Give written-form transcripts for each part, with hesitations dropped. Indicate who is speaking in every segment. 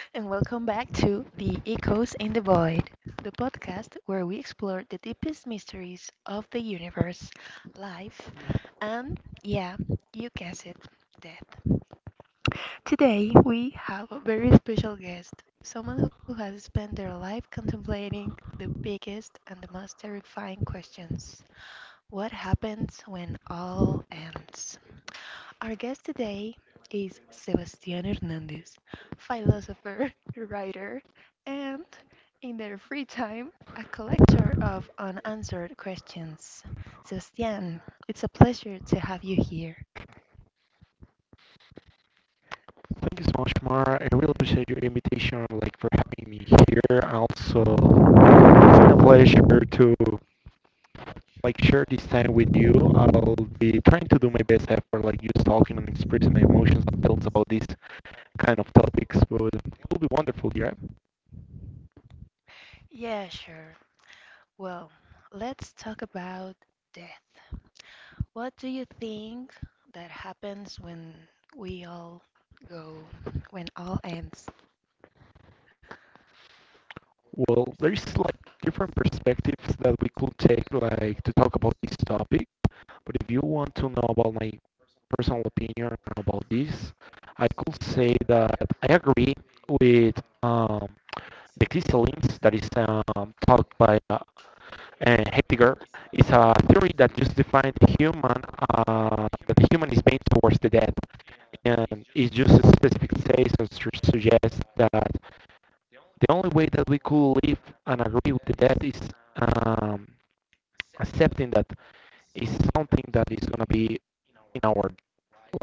Speaker 1: and welcome back to The Echoes in the Void, the podcast where we explore the deepest mysteries of the universe, life, and yeah, you guessed it, death. Today, we have a very special guest, someone who has spent their life contemplating the biggest and the most terrifying questions. What happens when all ends? Our guest today is Sebastián Hernández, philosopher, writer, and, in their free time, a collector of unanswered questions. Sebastián, it's a pleasure to have you here.
Speaker 2: Thank you so much, Mar. I really appreciate your invitation, like for having me here. Also, it's been a pleasure to like share this time with you. I'll be trying to do my best effort, like just talking and expressing my emotions and feelings about these kind of topics. But it will be wonderful, yeah.
Speaker 1: Yeah, sure. Well, let's talk about death. What do you think that happens when we all go, when all ends?
Speaker 2: Well, there's like different perspectives that we could take, like to talk about this topic. But if you want to know about my personal opinion about this, I could say that I agree with the crystallines that is taught by Heidegger. It's a theory that just defines the human, that the human is made towards the death. And it just specific says or suggests that the only way that we could live and agree with the death is um, accepting that is something that is going to be in our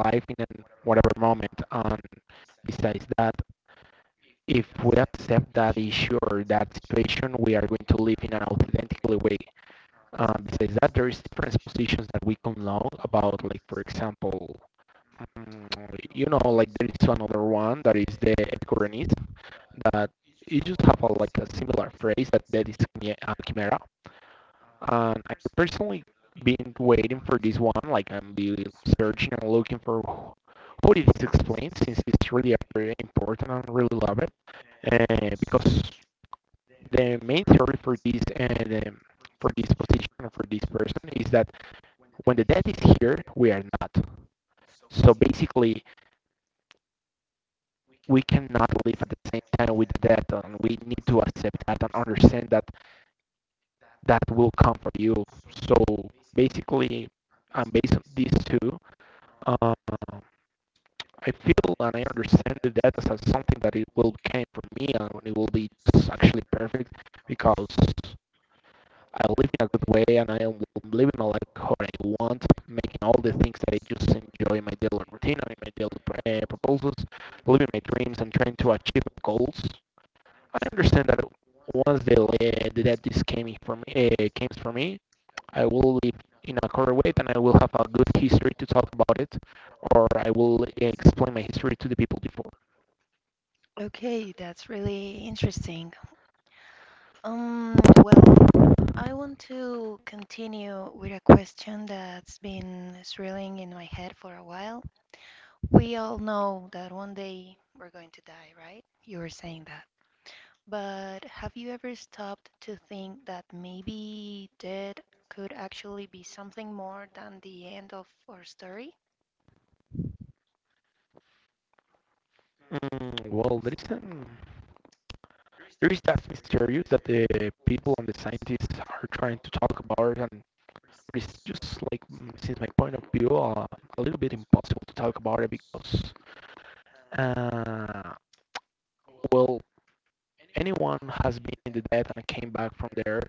Speaker 2: life in whatever moment. And besides that, if we accept that issue or that situation, we are going to live in an authentically way. Besides that, there is different positions that we can know about, like for example, mm, like there is another one that is the Epicureanism that you just have like a similar phrase that that is a chimera, and I've personally been waiting for this one. Like I'm be searching and looking for how it is explained, since it's really very important and I really love it. Because the main theory for this and for this position for this person is that when the dead is here, we are not. So basically, we cannot live at the same time with the dead, and we need to accept that and understand that that will come for you. So basically, and based on these two, uh, I feel and I understand the data as something that it will came from me and it will be actually perfect because I live in a good way and I am living my life how I want, making all the things that I just enjoy in my daily routine and in my daily proposals, living my dreams and trying to achieve my goals. I understand that once the that this came for me, I will live in a quarter and I will have a good history to talk about it, or I will explain my history to the people before.
Speaker 1: Okay, that's really interesting. Well, I want to continue with a question that's been swirling in my head for a while. We all know that one day we're going to die, right? You were saying that. But have you ever stopped to think that maybe death could actually be something more than the end of our story?
Speaker 2: Well, there is that mysterious that the people and the scientists are trying to talk about, and it's just like, since my point of view, a little bit impossible to talk about it because, uh, well, anyone has been in the dead and came back from there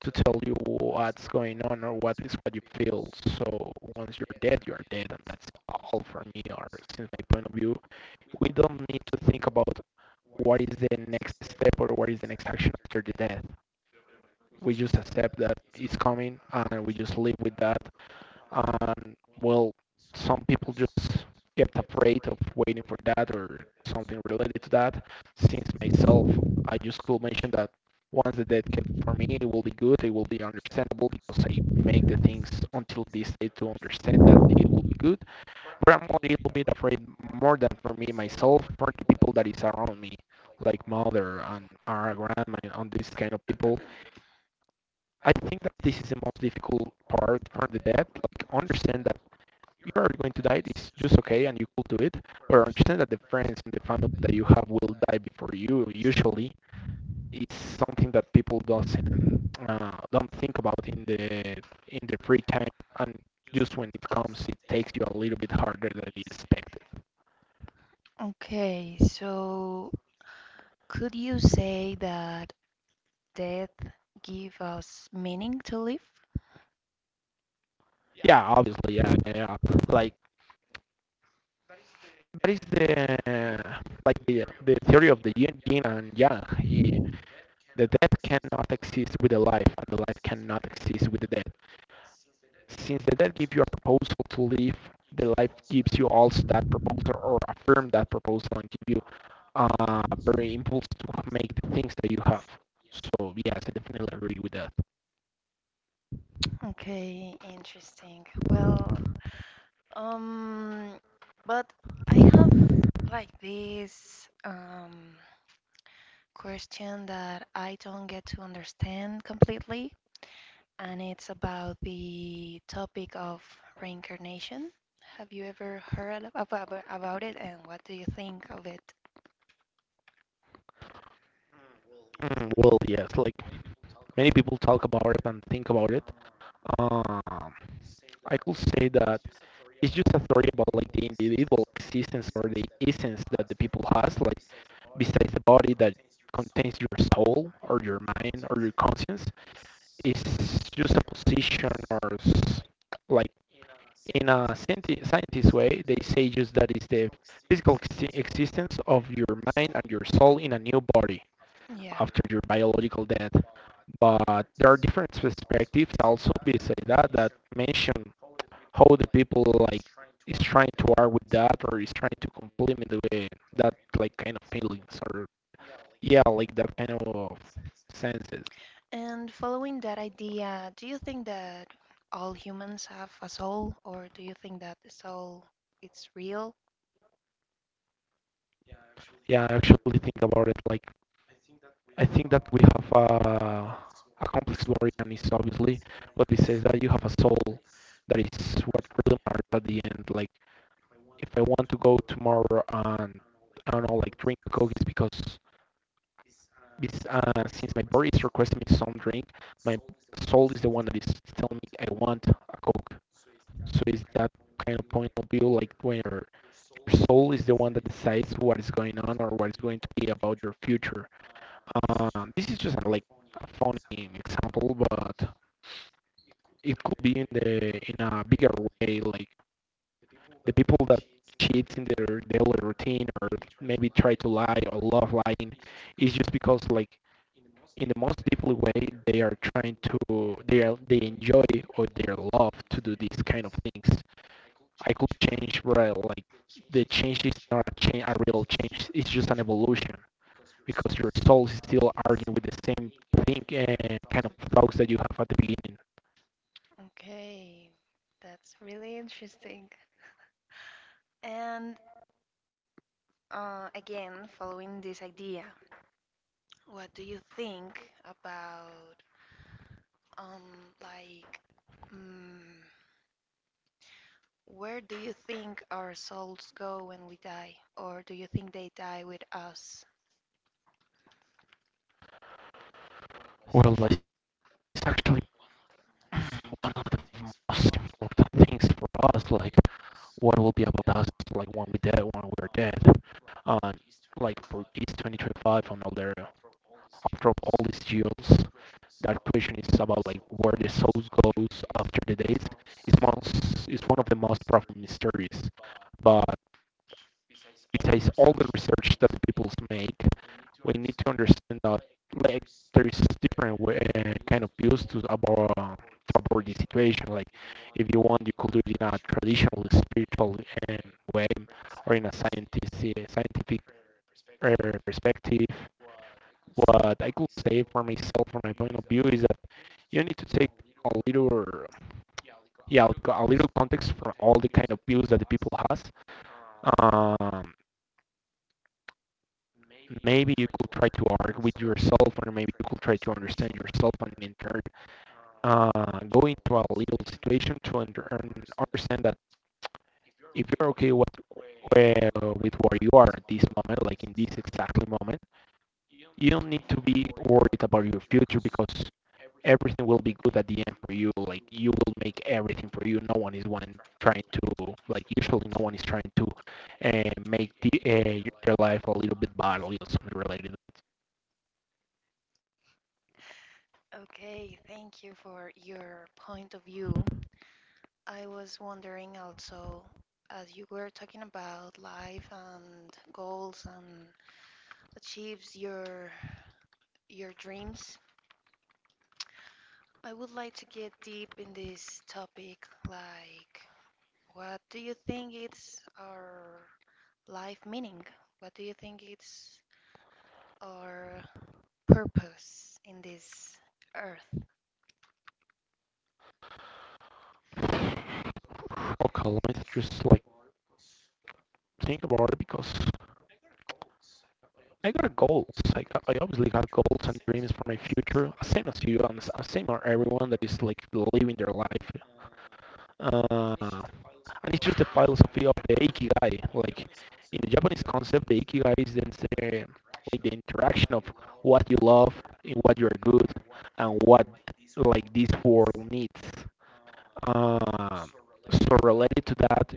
Speaker 2: to tell you what's going on or what is what you feel. So once you're dead, and that's all for me. Or since my point of view, we don't need to think about what is the next step or what is the next action after the death. We just accept that it's coming, and we just live with that, and well, some people just kept afraid of waiting for that or something related to that. Since myself, I just could mention that once the deadcat for me, it will be good, it will be understandable because I make the things until this day to understand that it will be good. But I'm a little bit afraid more than for me myself, for the people that is around me, like mother and our grandma and this kind of people. I think that this is the most difficult part for the dead, like understand that you are going to die. It's just okay, and you could do it. Or understand that the friends and the family that you have will die before you. Usually, it's something that people doesn't don't think about in the free time, and just when it comes, it takes you a little bit harder than you expected.
Speaker 1: Okay, so could you say that death give us meaning to live?
Speaker 2: Yeah, obviously, yeah, yeah, yeah. Like that is the, like the theory of the yin and yang. The death cannot exist with the life, and the life cannot exist with the death. Since the debt gives you a proposal to live, the life gives you also that proposal or affirm that proposal and give you very impulse to make the things that you have. So yes, I definitely agree with that.
Speaker 1: Okay, interesting. Well, Um, but I have like this question that I don't get to understand completely, and it's about the topic of reincarnation. Have you ever heard about it, and what do you think of it?
Speaker 2: Well, yes, like many people talk about it and think about it. Um, I could say that it's just a story about like the individual existence or the essence that the people has, like besides the body that contains your soul or your mind or your conscience. Is just a position or like in a scientist way they say just that is the physical existence of your mind and your soul in a new body after your biological death, but there are different perspectives also besides that that mention how the people like is trying to argue with that or is trying to complement the way that like kind of feelings or yeah like that kind of senses.
Speaker 1: And following that idea, do you think that all humans have a soul, or do you think that the soul it's real?
Speaker 2: Yeah, I actually think about it, like I think that we have a complex Dorian obviously what we says that you have a soul that is what really matters at the end. Like if I want to go tomorrow and I don't know, like drink coke it's because since my body is requesting me some drink, my soul is the one that is telling me I want a coke. So it's that kind of point of view, like where your soul is the one that decides what is going on or what is going to be about your future. This is just like a funny example, but it could be in the in a bigger way, like the people that cheat in their daily routine or maybe try to lie or love lying is just because like in the most deeply way they are trying to they enjoy or they love to do these kind of things. I could change, right? Like the change is not a change, a real change. It's just an evolution. Because your soul is still arguing with the same thing and kind of thoughts that you have at the beginning.
Speaker 1: Okay, that's really interesting. And again, following this idea, what do you think about, um, like, mm, where do you think our souls go when we die? Or do you think they die with us?
Speaker 2: Well, it's actually one of the most important things for us, like what will be about us, like when we're dead, and like for this 2025 and all there. After all these years, that question is about like where the soul goes after the days. It's one of the most profound mysteries. But besides all the research that people make, we need to understand that like there is different way, kind of views to about the situation. Like if you want, you could do it in a traditional spiritual way or in a scientific uh, perspective. What I could say for myself, from my point of view, is that you need to take a little, yeah, a little context from all the kind of views that the people has. um, Maybe you could try to argue with yourself or maybe you could try to understand yourself and in turn go into a little situation to understand that if you're okay with where you are at this moment, like in this exactly moment, you don't need to be worried about your future because everything will be good at the end for you, like you will make everything for you. No one is one trying to, like usually no one is trying to make their life a little bit bad or something related.
Speaker 1: Okay, thank you for your point of view. I was wondering also, as you were talking about life and goals and achieves your dreams, I would like to get deep in this topic, like what do you think it's our life meaning? What do you think it's our purpose in this earth?
Speaker 2: Okay, let me just like think about it because I got goals. I obviously got goals and dreams for my future, same as you and same as everyone that is like living their life. And it's just the philosophy of the ikigai. Like in the Japanese concept, the ikigai is the, like the interaction of what you love, in what you're good, and what like this world needs. Um, so related to that,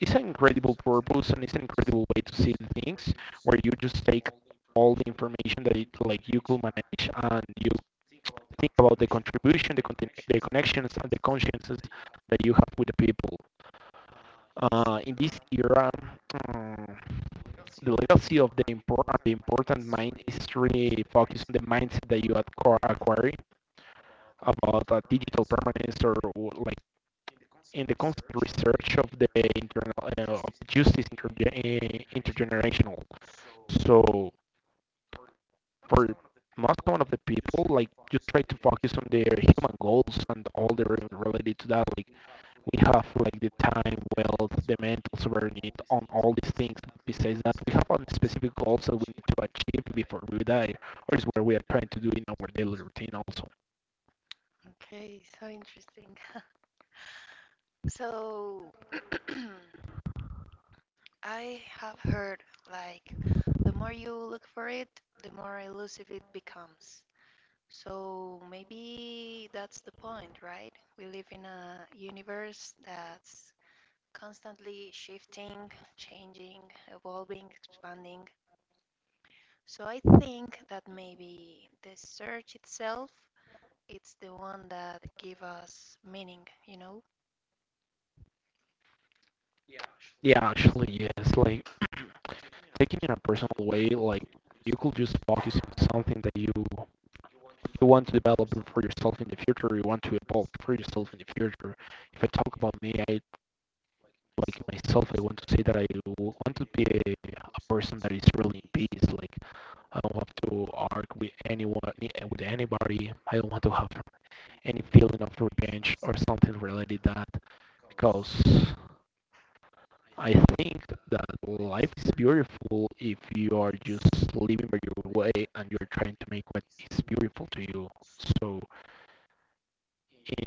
Speaker 2: it's an incredible purpose and it's an incredible way to see things where you just take all the information that it, like you could manage and you think about the contribution, the connections and the consciences that you have with the people. In this era, mm, the legacy of the important mind is really focused on the mindset that you acquire acquiring about digital permanence or like in the constant research of the internal of justice intergenerational. So for most one of the people, like just try to focus on their human goals and all the related to that. Like we have like the time, wealth, the mental sovereignty on all these things. But besides that, we have on specific goals that we need to achieve before we die, or is what we are trying to do in our daily routine also.
Speaker 1: Okay, so interesting. So I have heard like the more you look for it, the more elusive it becomes. So maybe that's the point, right? We live in a universe that's constantly shifting, changing, evolving, expanding. So I think that maybe the search itself it's the one that gives us meaning, you know?
Speaker 2: Yeah, actually, yes. Like taking in a personal way, like you could just focus on something that you want to develop for yourself in the future, you want to evolve for yourself in the future. If I talk about me, I like myself, I want to say that I want to be a person that is really in peace. Like I don't have to argue with anyone, with anybody. I don't want to have any feeling of revenge or something related to that because I think that life is beautiful if you are just living by your way and you're trying to make what is beautiful to you. So,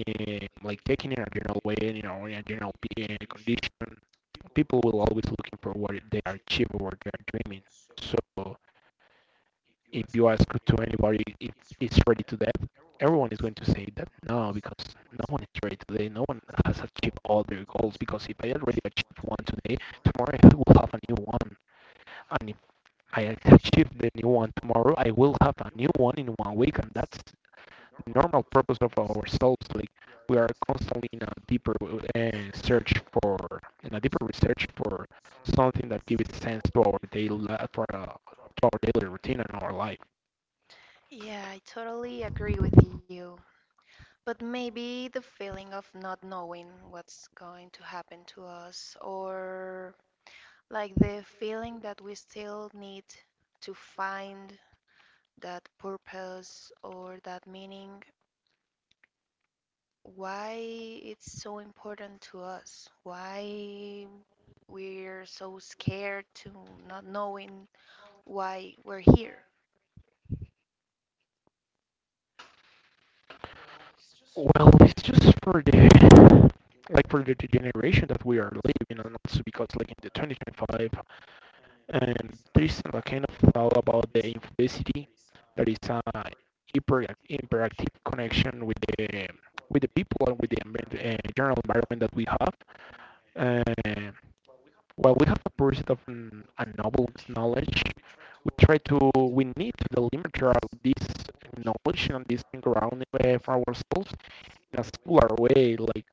Speaker 2: in, like taking it in a general way, in a general condition, people will always looking for what they are achieving, what they are dreaming. So, if you ask to anybody if it's ready to death, everyone is going to say that no, because no one is ready today. No one has achieved all their goals. Because if I already achieved one today, tomorrow I will have a new one. And if I achieve the new one tomorrow, I will have a new one in one week, and that's the normal purpose of our souls. Like we are constantly in a deeper search for, in a deeper research for something that gives sense to our daily for to our daily routine and our life.
Speaker 1: Yeah, I totally agree with you. But maybe the feeling of not knowing what's going to happen to us or like the feeling that we still need to find that purpose or that meaning why it's so important to us, why we're so scared to not knowing why we're here.
Speaker 2: Well, it's just for the like for the generation that we are living, and also because like in the 2025, and there is a kind of thought about the infelicity. There is a hyper interactive connection with the people and with the general environment that we have. Uh, while we have a pursuit of a noble knowledge, we try to we need to delimit this knowledge and this ground for ourselves. In a similar way, like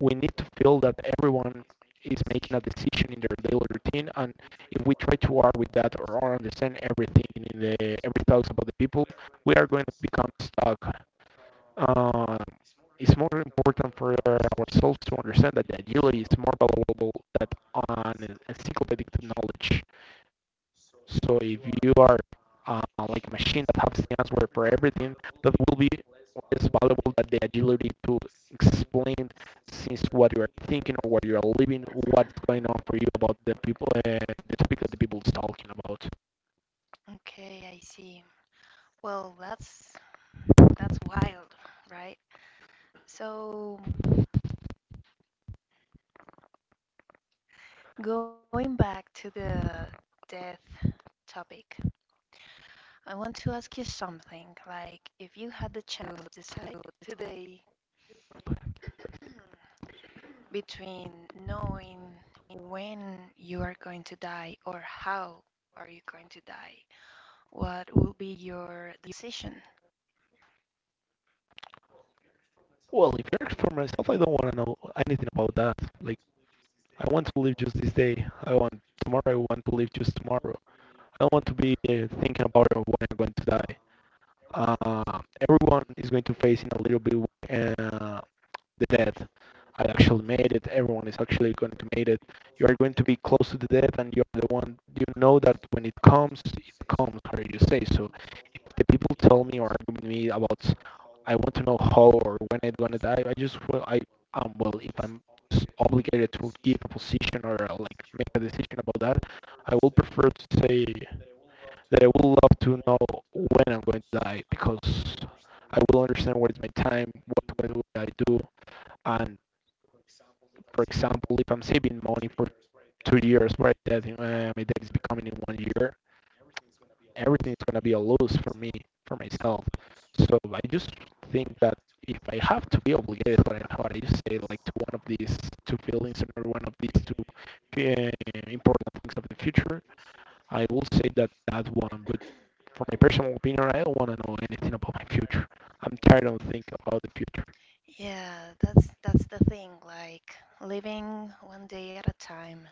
Speaker 2: we need to feel that everyone is making a decision in their daily routine, and if we try to argue with that or understand everything in the every thoughts about the people, we are going to become stuck. uh, it's more important for ourselves to understand that the agility is more valuable than an encyclopedic knowledge. So if you are uh, like a machine that has the answer for everything, that will be less valuable than the agility to explain since what you are thinking or what you are living, what's going on for you about the people, the topic that the people is talking about.
Speaker 1: Okay, I see. Well, that's wild, right? So, going back to the death topic, I want to ask you something. Like, if you had the chance to decide today between knowing when you are going to die or how are you going to die, what will be your decision?
Speaker 2: Well, if you're for myself, I don't want to know anything about that. Like, I want to live just this day. I want tomorrow. I want to live just tomorrow. I don't want to be thinking about when I'm going to die. Uh, Everyone is going to face in a little bit that I actually made it. Everyone is actually going to make it. You are going to be close to the death, and you're the one. You know that when it comes, it comes. How do you say so? If the people tell me or argue with me about, I want to know how or when I'm gonna die. I just well, I Well, if I'm obligated to give a position or like make a decision about that, I will prefer to say that I would love to know when I'm going to die because I will understand what is my time, what would I do, and for example, if I'm saving money for 2 years, right, that my debt is becoming in one year, everything is gonna be a loss for me, for myself. So I just think that if I have to be obligated, what I just say, like to one of these two feelings or one of these two uh, important things of the future, I will say that that one. But for my personal opinion, I don't want to know anything about my future. I'm tired of thinking about the future.
Speaker 1: Yeah, that's the thing, like living one day at a time.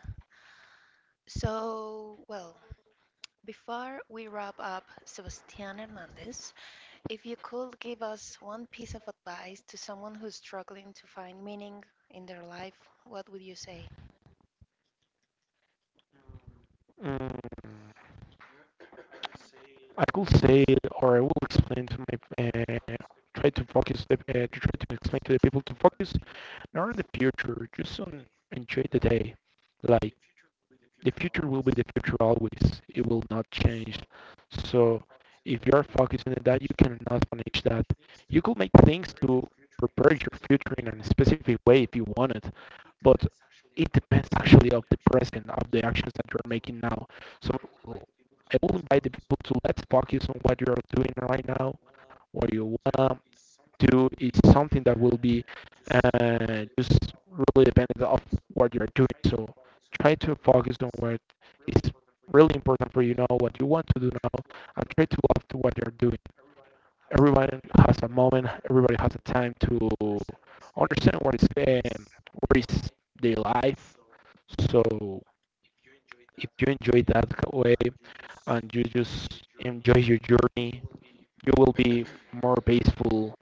Speaker 1: So, well, before we wrap up, sebastian hernandez if you could give us one piece of advice to someone who's struggling to find meaning in their life, what would you say?
Speaker 2: Mm. I could say or I will explain to my try to focus to try to explain to the people to focus not on the future, just on enjoy the day. Like the future will be the future always. It will not change. So if you're focusing on that, you cannot manage that. You could make things to prepare your future in a specific way if you want it, but it depends actually of the present of the actions that you're making now. So I will invite the people to let's focus on what you're doing right now. What you want to do is something that will be just really dependent of what you're doing. So try to focus on what is really important for you now, what you want to do now, and try to love to what you're doing. Everyone has a moment. Everybody has a time to understand what is their life. So if you enjoy that way and you just enjoy your journey, you will be more peaceful,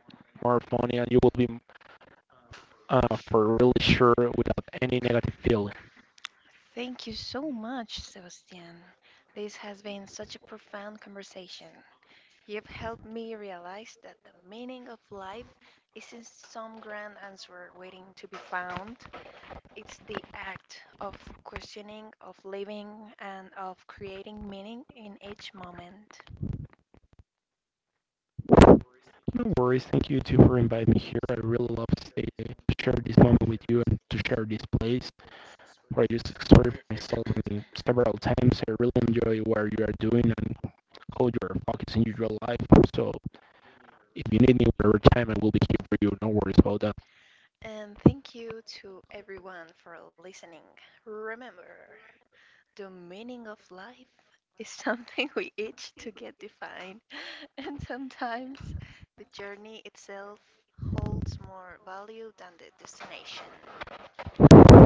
Speaker 2: more funny, and you will be for really sure without any negative feeling.
Speaker 1: Thank you so much, Sebastian. This has been such a profound conversation. You've helped me realize that the meaning of life isn't some grand answer waiting to be found. It's the act of questioning, of living, and of creating meaning in each moment.
Speaker 2: No worries. Thank you too for inviting me here. I really love to, stay, to share this moment with you and to share this place. Produce story for myself several times. I really enjoy what you are doing and how you are focusing your real life. So if you need me whatever time, I will be here for you. No worries about that.
Speaker 1: And thank you to everyone for listening. Remember, the meaning of life is something we each to get defined, and sometimes the journey itself holds more value than the destination.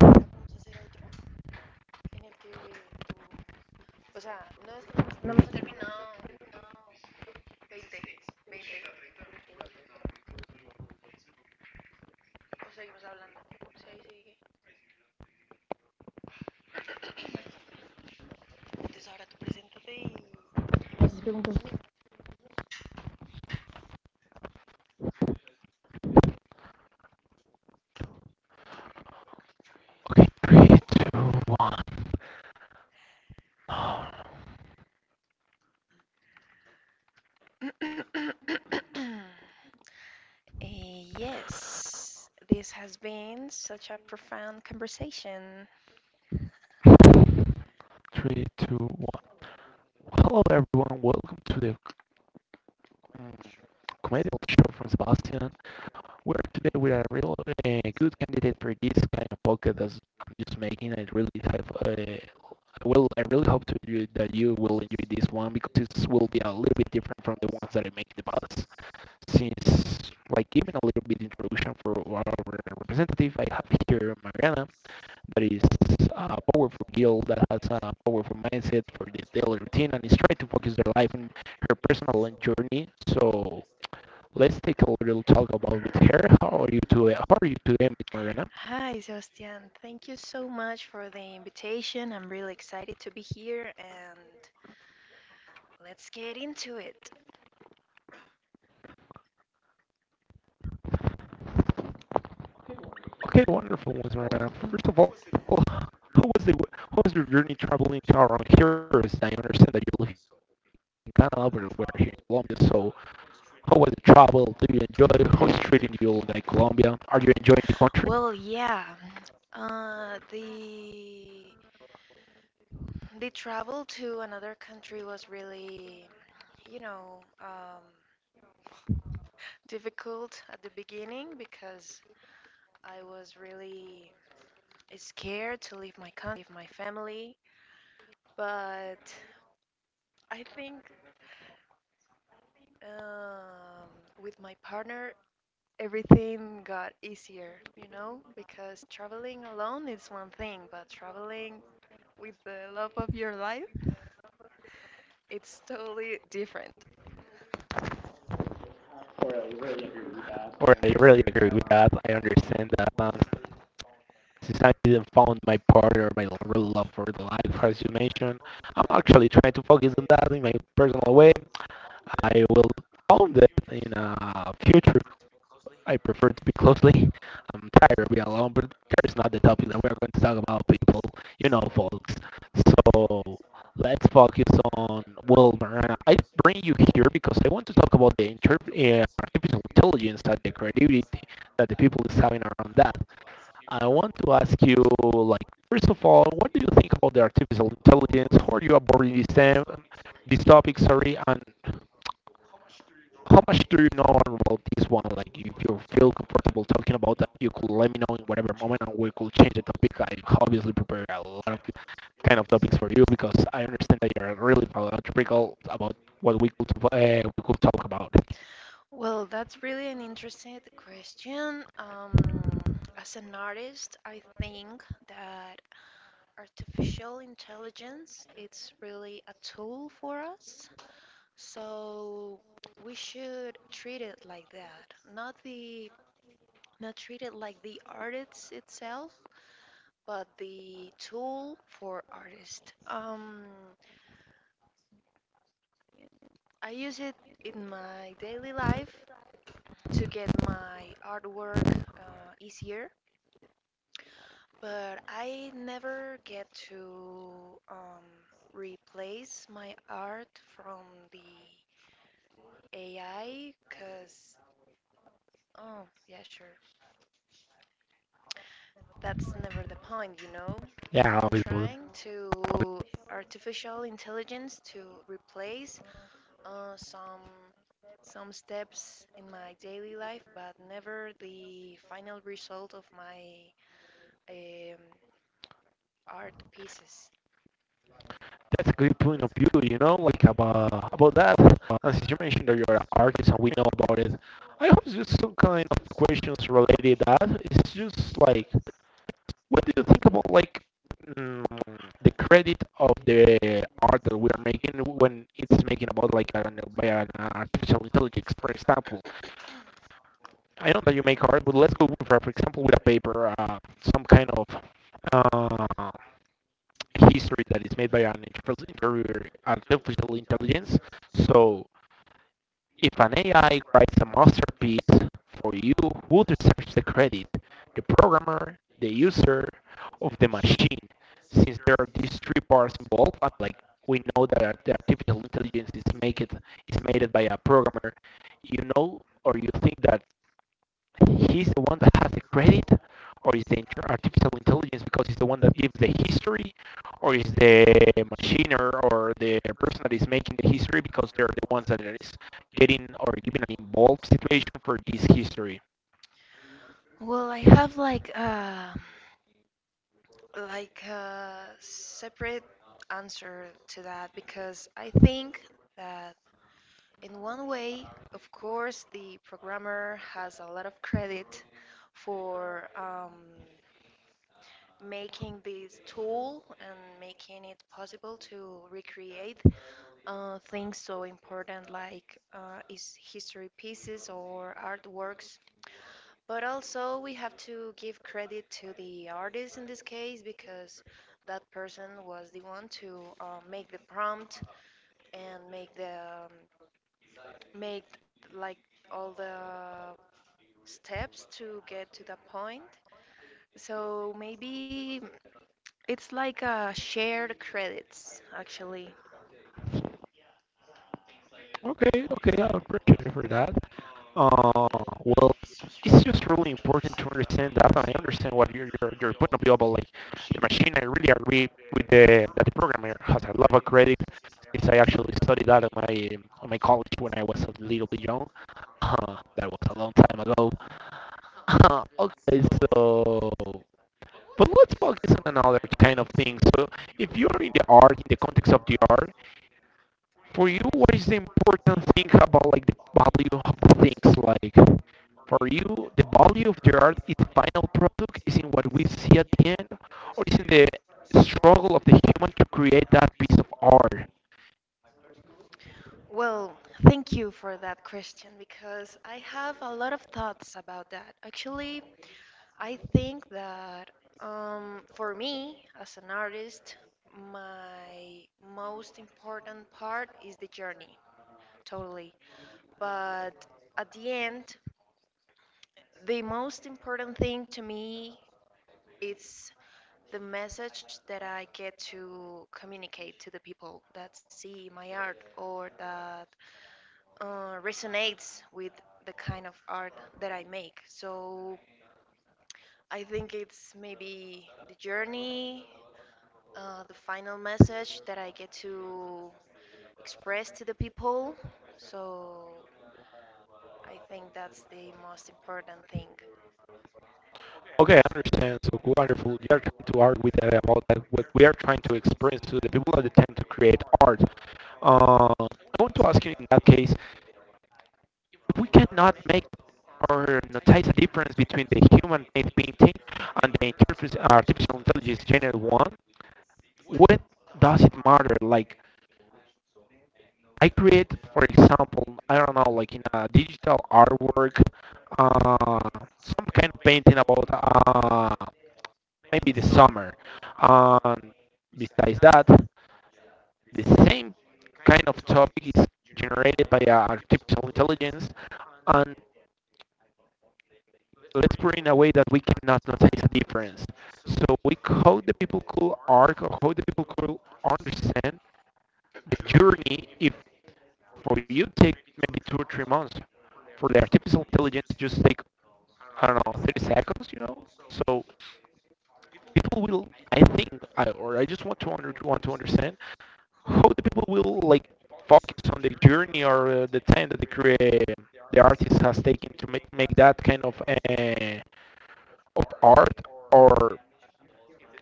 Speaker 1: Ahora vamos a hacer otro en el que tú no hemos terminado 20, 20 o seguimos hablando. Sí, ahí sigue. Entonces ahora tú preséntate y
Speaker 2: Okay, three, two, one.
Speaker 1: Yes, this has been such a profound conversation.
Speaker 2: Three, two, one. Well, hello, everyone. Welcome to the um, comedy show from Sebastian, where today we're a real good candidate for this kind of podcast that I'm just making. I really have, well, I really hope to you that you will enjoy this one because it will be a little bit different from the ones that I make in the past. Since, like, giving a little bit introduction for our representative, I have here Mariana, that is a powerful girl that has a powerful mindset for the daily routine and is trying to focus their life on her personal journey. So let's take a little talk about with her. How are you today? How are you today, Miss Mariana?
Speaker 1: Hi, Sebastian. Thank you so much for the invitation. I'm really excited to be here, and let's get into it.
Speaker 2: Okay, wonderful, Miss Mariana. First of all, how was your journey traveling to around here? As I understand that you live in Canada, but we're here in Colombia. So, how was the travel? Do you enjoy? How is treating you like Colombia? Are you enjoying the country?
Speaker 1: Well, yeah. Uh, the the travel to another country was really, you know, um, difficult at the beginning because I was really scared to leave my country, leave my family. I think um, with my partner everything got easier, because traveling alone is one thing, but traveling the love of your life, it's totally different. Totally, really really agree with that.
Speaker 2: Or
Speaker 1: I
Speaker 2: I really
Speaker 1: understand
Speaker 2: agree
Speaker 1: that.
Speaker 2: with that. I understand that since I didn't found my partner, my real love for the life, as you mentioned, I'm actually trying to focus on that in my personal way. I will own it in a future. I prefer to be closely. I'm tired of being alone, but there's not the topic that we're going to talk about, people. You know, folks. So let's focus on Wilmer. And I bring you here because I want to talk about the artificial intelligence and the creativity that the people is having around that. I want to ask you, like, first of all, what do you think about the artificial intelligence? How are you aborting um, this topic? Sorry, and how much do you know about this one? Like, if you feel comfortable talking about that, you could let me know in whatever moment, and we could change the topic. I obviously prepare a lot of kind of topics for you because I understand that you're really practical about what we could talk about.
Speaker 1: Well, that's really an interesting question. As an artist, I think that artificial intelligence it's really a tool for us. So we should treat it like that, not the not treated like the artist itself, but the tool for artists. I use it in my daily life to get my artwork easier, but I never get to replace my art from the AI. Oh, yeah, sure. It's never
Speaker 2: Yeah, obviously.
Speaker 1: artificial intelligence to replace some in my daily life, but never the final result of my um, art pieces.
Speaker 2: That's a good point of view, you know, like about that. And since you mentioned that you're an artist and we know about it, I hope it's just some kind of questions related to that. It's just like what do you think about like mm, the credit of the art that we are making when it's making about like an, by an artificial intelligence? For example, I know that you make art, but let's go for example, with a paper, some kind of uh, history that is made by an artificial intelligence. So if an AI writes a masterpiece for you, who deserves the credit? The programmer, the user, of the machine? Since there are these three parts involved, and like we know that the artificial intelligence is made by a programmer, you know, or you think that he's the one that has the credit, or is the artificial intelligence because he's the one that gives the history, or is the machiner or the person that is making the history because they're the ones that is getting or giving an involved situation for this history.
Speaker 1: Well, I have like answer to that because I think that in one way, of course, the programmer has a lot of credit for making this tool and making it possible to recreate things so in his history piece or artworks. But also we give credit to the artist in this case because that person was the one to make the prompt and make like all the steps to get to the point. So maybe it's like a shared credits actually.
Speaker 2: Okay, okay, I'll appreciate it for that. Uh, well, it's just really important to understand that. And I understand what your point of view about like the machine. I really agree with the that the programmer has a lot of credit since I actually studied that in my college when I was a little bit young. That was a long time ago. Okay, so but let's focus on another kind of thing. So if you are in the art, in the context of the art, for you what is the important thing about like the value of the things? Like for you, the value of the art is the final product, is in what we see at the end, or is in the struggle of the human to create that piece of art?
Speaker 1: Well, thank you for that question because I have a lot of thoughts about that. Actually, I think that for me as an artist, my most important part is the journey, totally. But at the end, the most important thing to me is the message that I get to communicate to the people that see my art or that resonates with the kind of art that I make. So I think it's maybe the journey, the final message to the people. So,
Speaker 2: Okay, I understand. So wonderful. You are trying to argue with that about that what we are trying to experience to the people that tend to create art. I want to ask you in that case, if we cannot make or notice a difference between the human-made painting and the artificial intelligence generated one, what does it matter? Like, I create, for example, I don't know, like in a digital artwork, uh, some kind of painting about uh, maybe the summer. And besides that, the same kind of topic is generated by artificial intelligence, and so let's put it in a way that we cannot notice a difference. So we hope the people could arc or how the people could understand the journey if for you take maybe 2 or 3 months. For the artificial intelligence just take, I don't know, 30 seconds, you know? So people will, I think, I or I just want to want to understand how the people will like focus on the journey or the time that the create the artist has taken to make that kind of art, or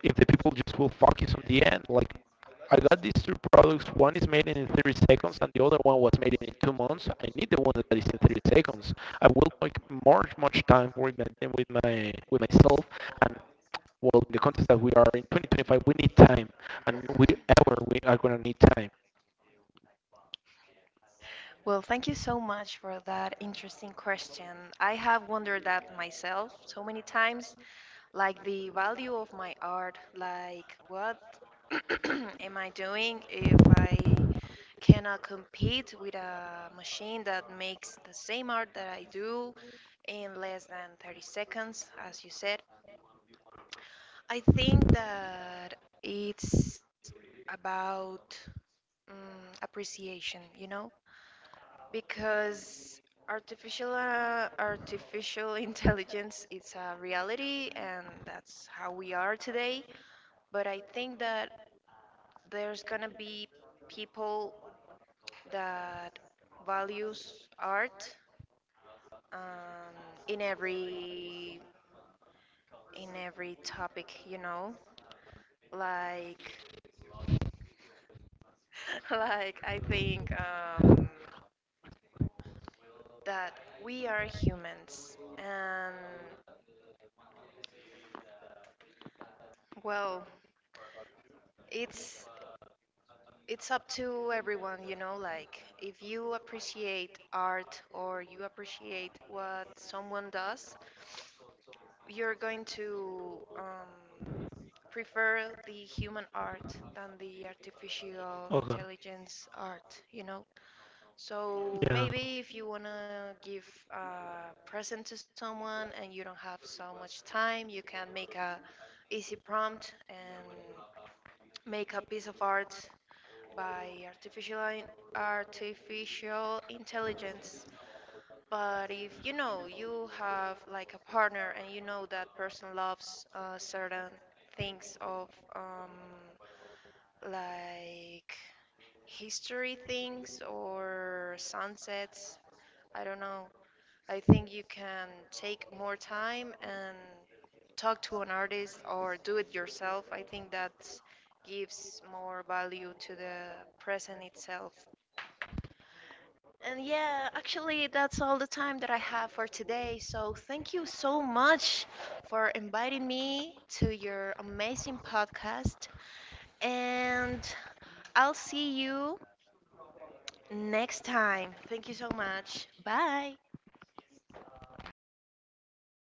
Speaker 2: if the people just will focus on the end. Like I got these two products. One is made in 30 seconds, and the other one was made in 2 months. I need the one that is in 30 seconds. I will like much much time working with my with myself and. Well, in the context that we are in 2025, we need time, and we are gonna need time.
Speaker 1: well, thank you so much for that interesting question. I have wondered that myself so many times, like the value of my art, like what am I doing if I cannot compete with a machine that makes the same art that I do in less than 30 seconds, as you said. I think that it's about mm, appreciation, you know? Because artificial intelligence it's a reality, and that's how we are today. But I think that there's gonna be people that values art um, in every topic, you know, like like I think that we are humans and well it's it's up to everyone, you know, like if you appreciate art or you appreciate what someone does, you're going for human art,
Speaker 2: Okay.
Speaker 1: you know. So
Speaker 2: Yeah.
Speaker 1: maybe if you want to give a present to someone and you don't have easy prompt and visual intel, but you have like a partner and you know that person loves certain things of um, like history things or sunsets. I don't know. I think you can take more time and talk to an artist or do it yourself. I think that gives more value to the present itself. And yeah, actually, that's all the time that I have for today. So thank you so much for inviting me to your amazing podcast. And I'll see you next time. Thank you so much. Bye.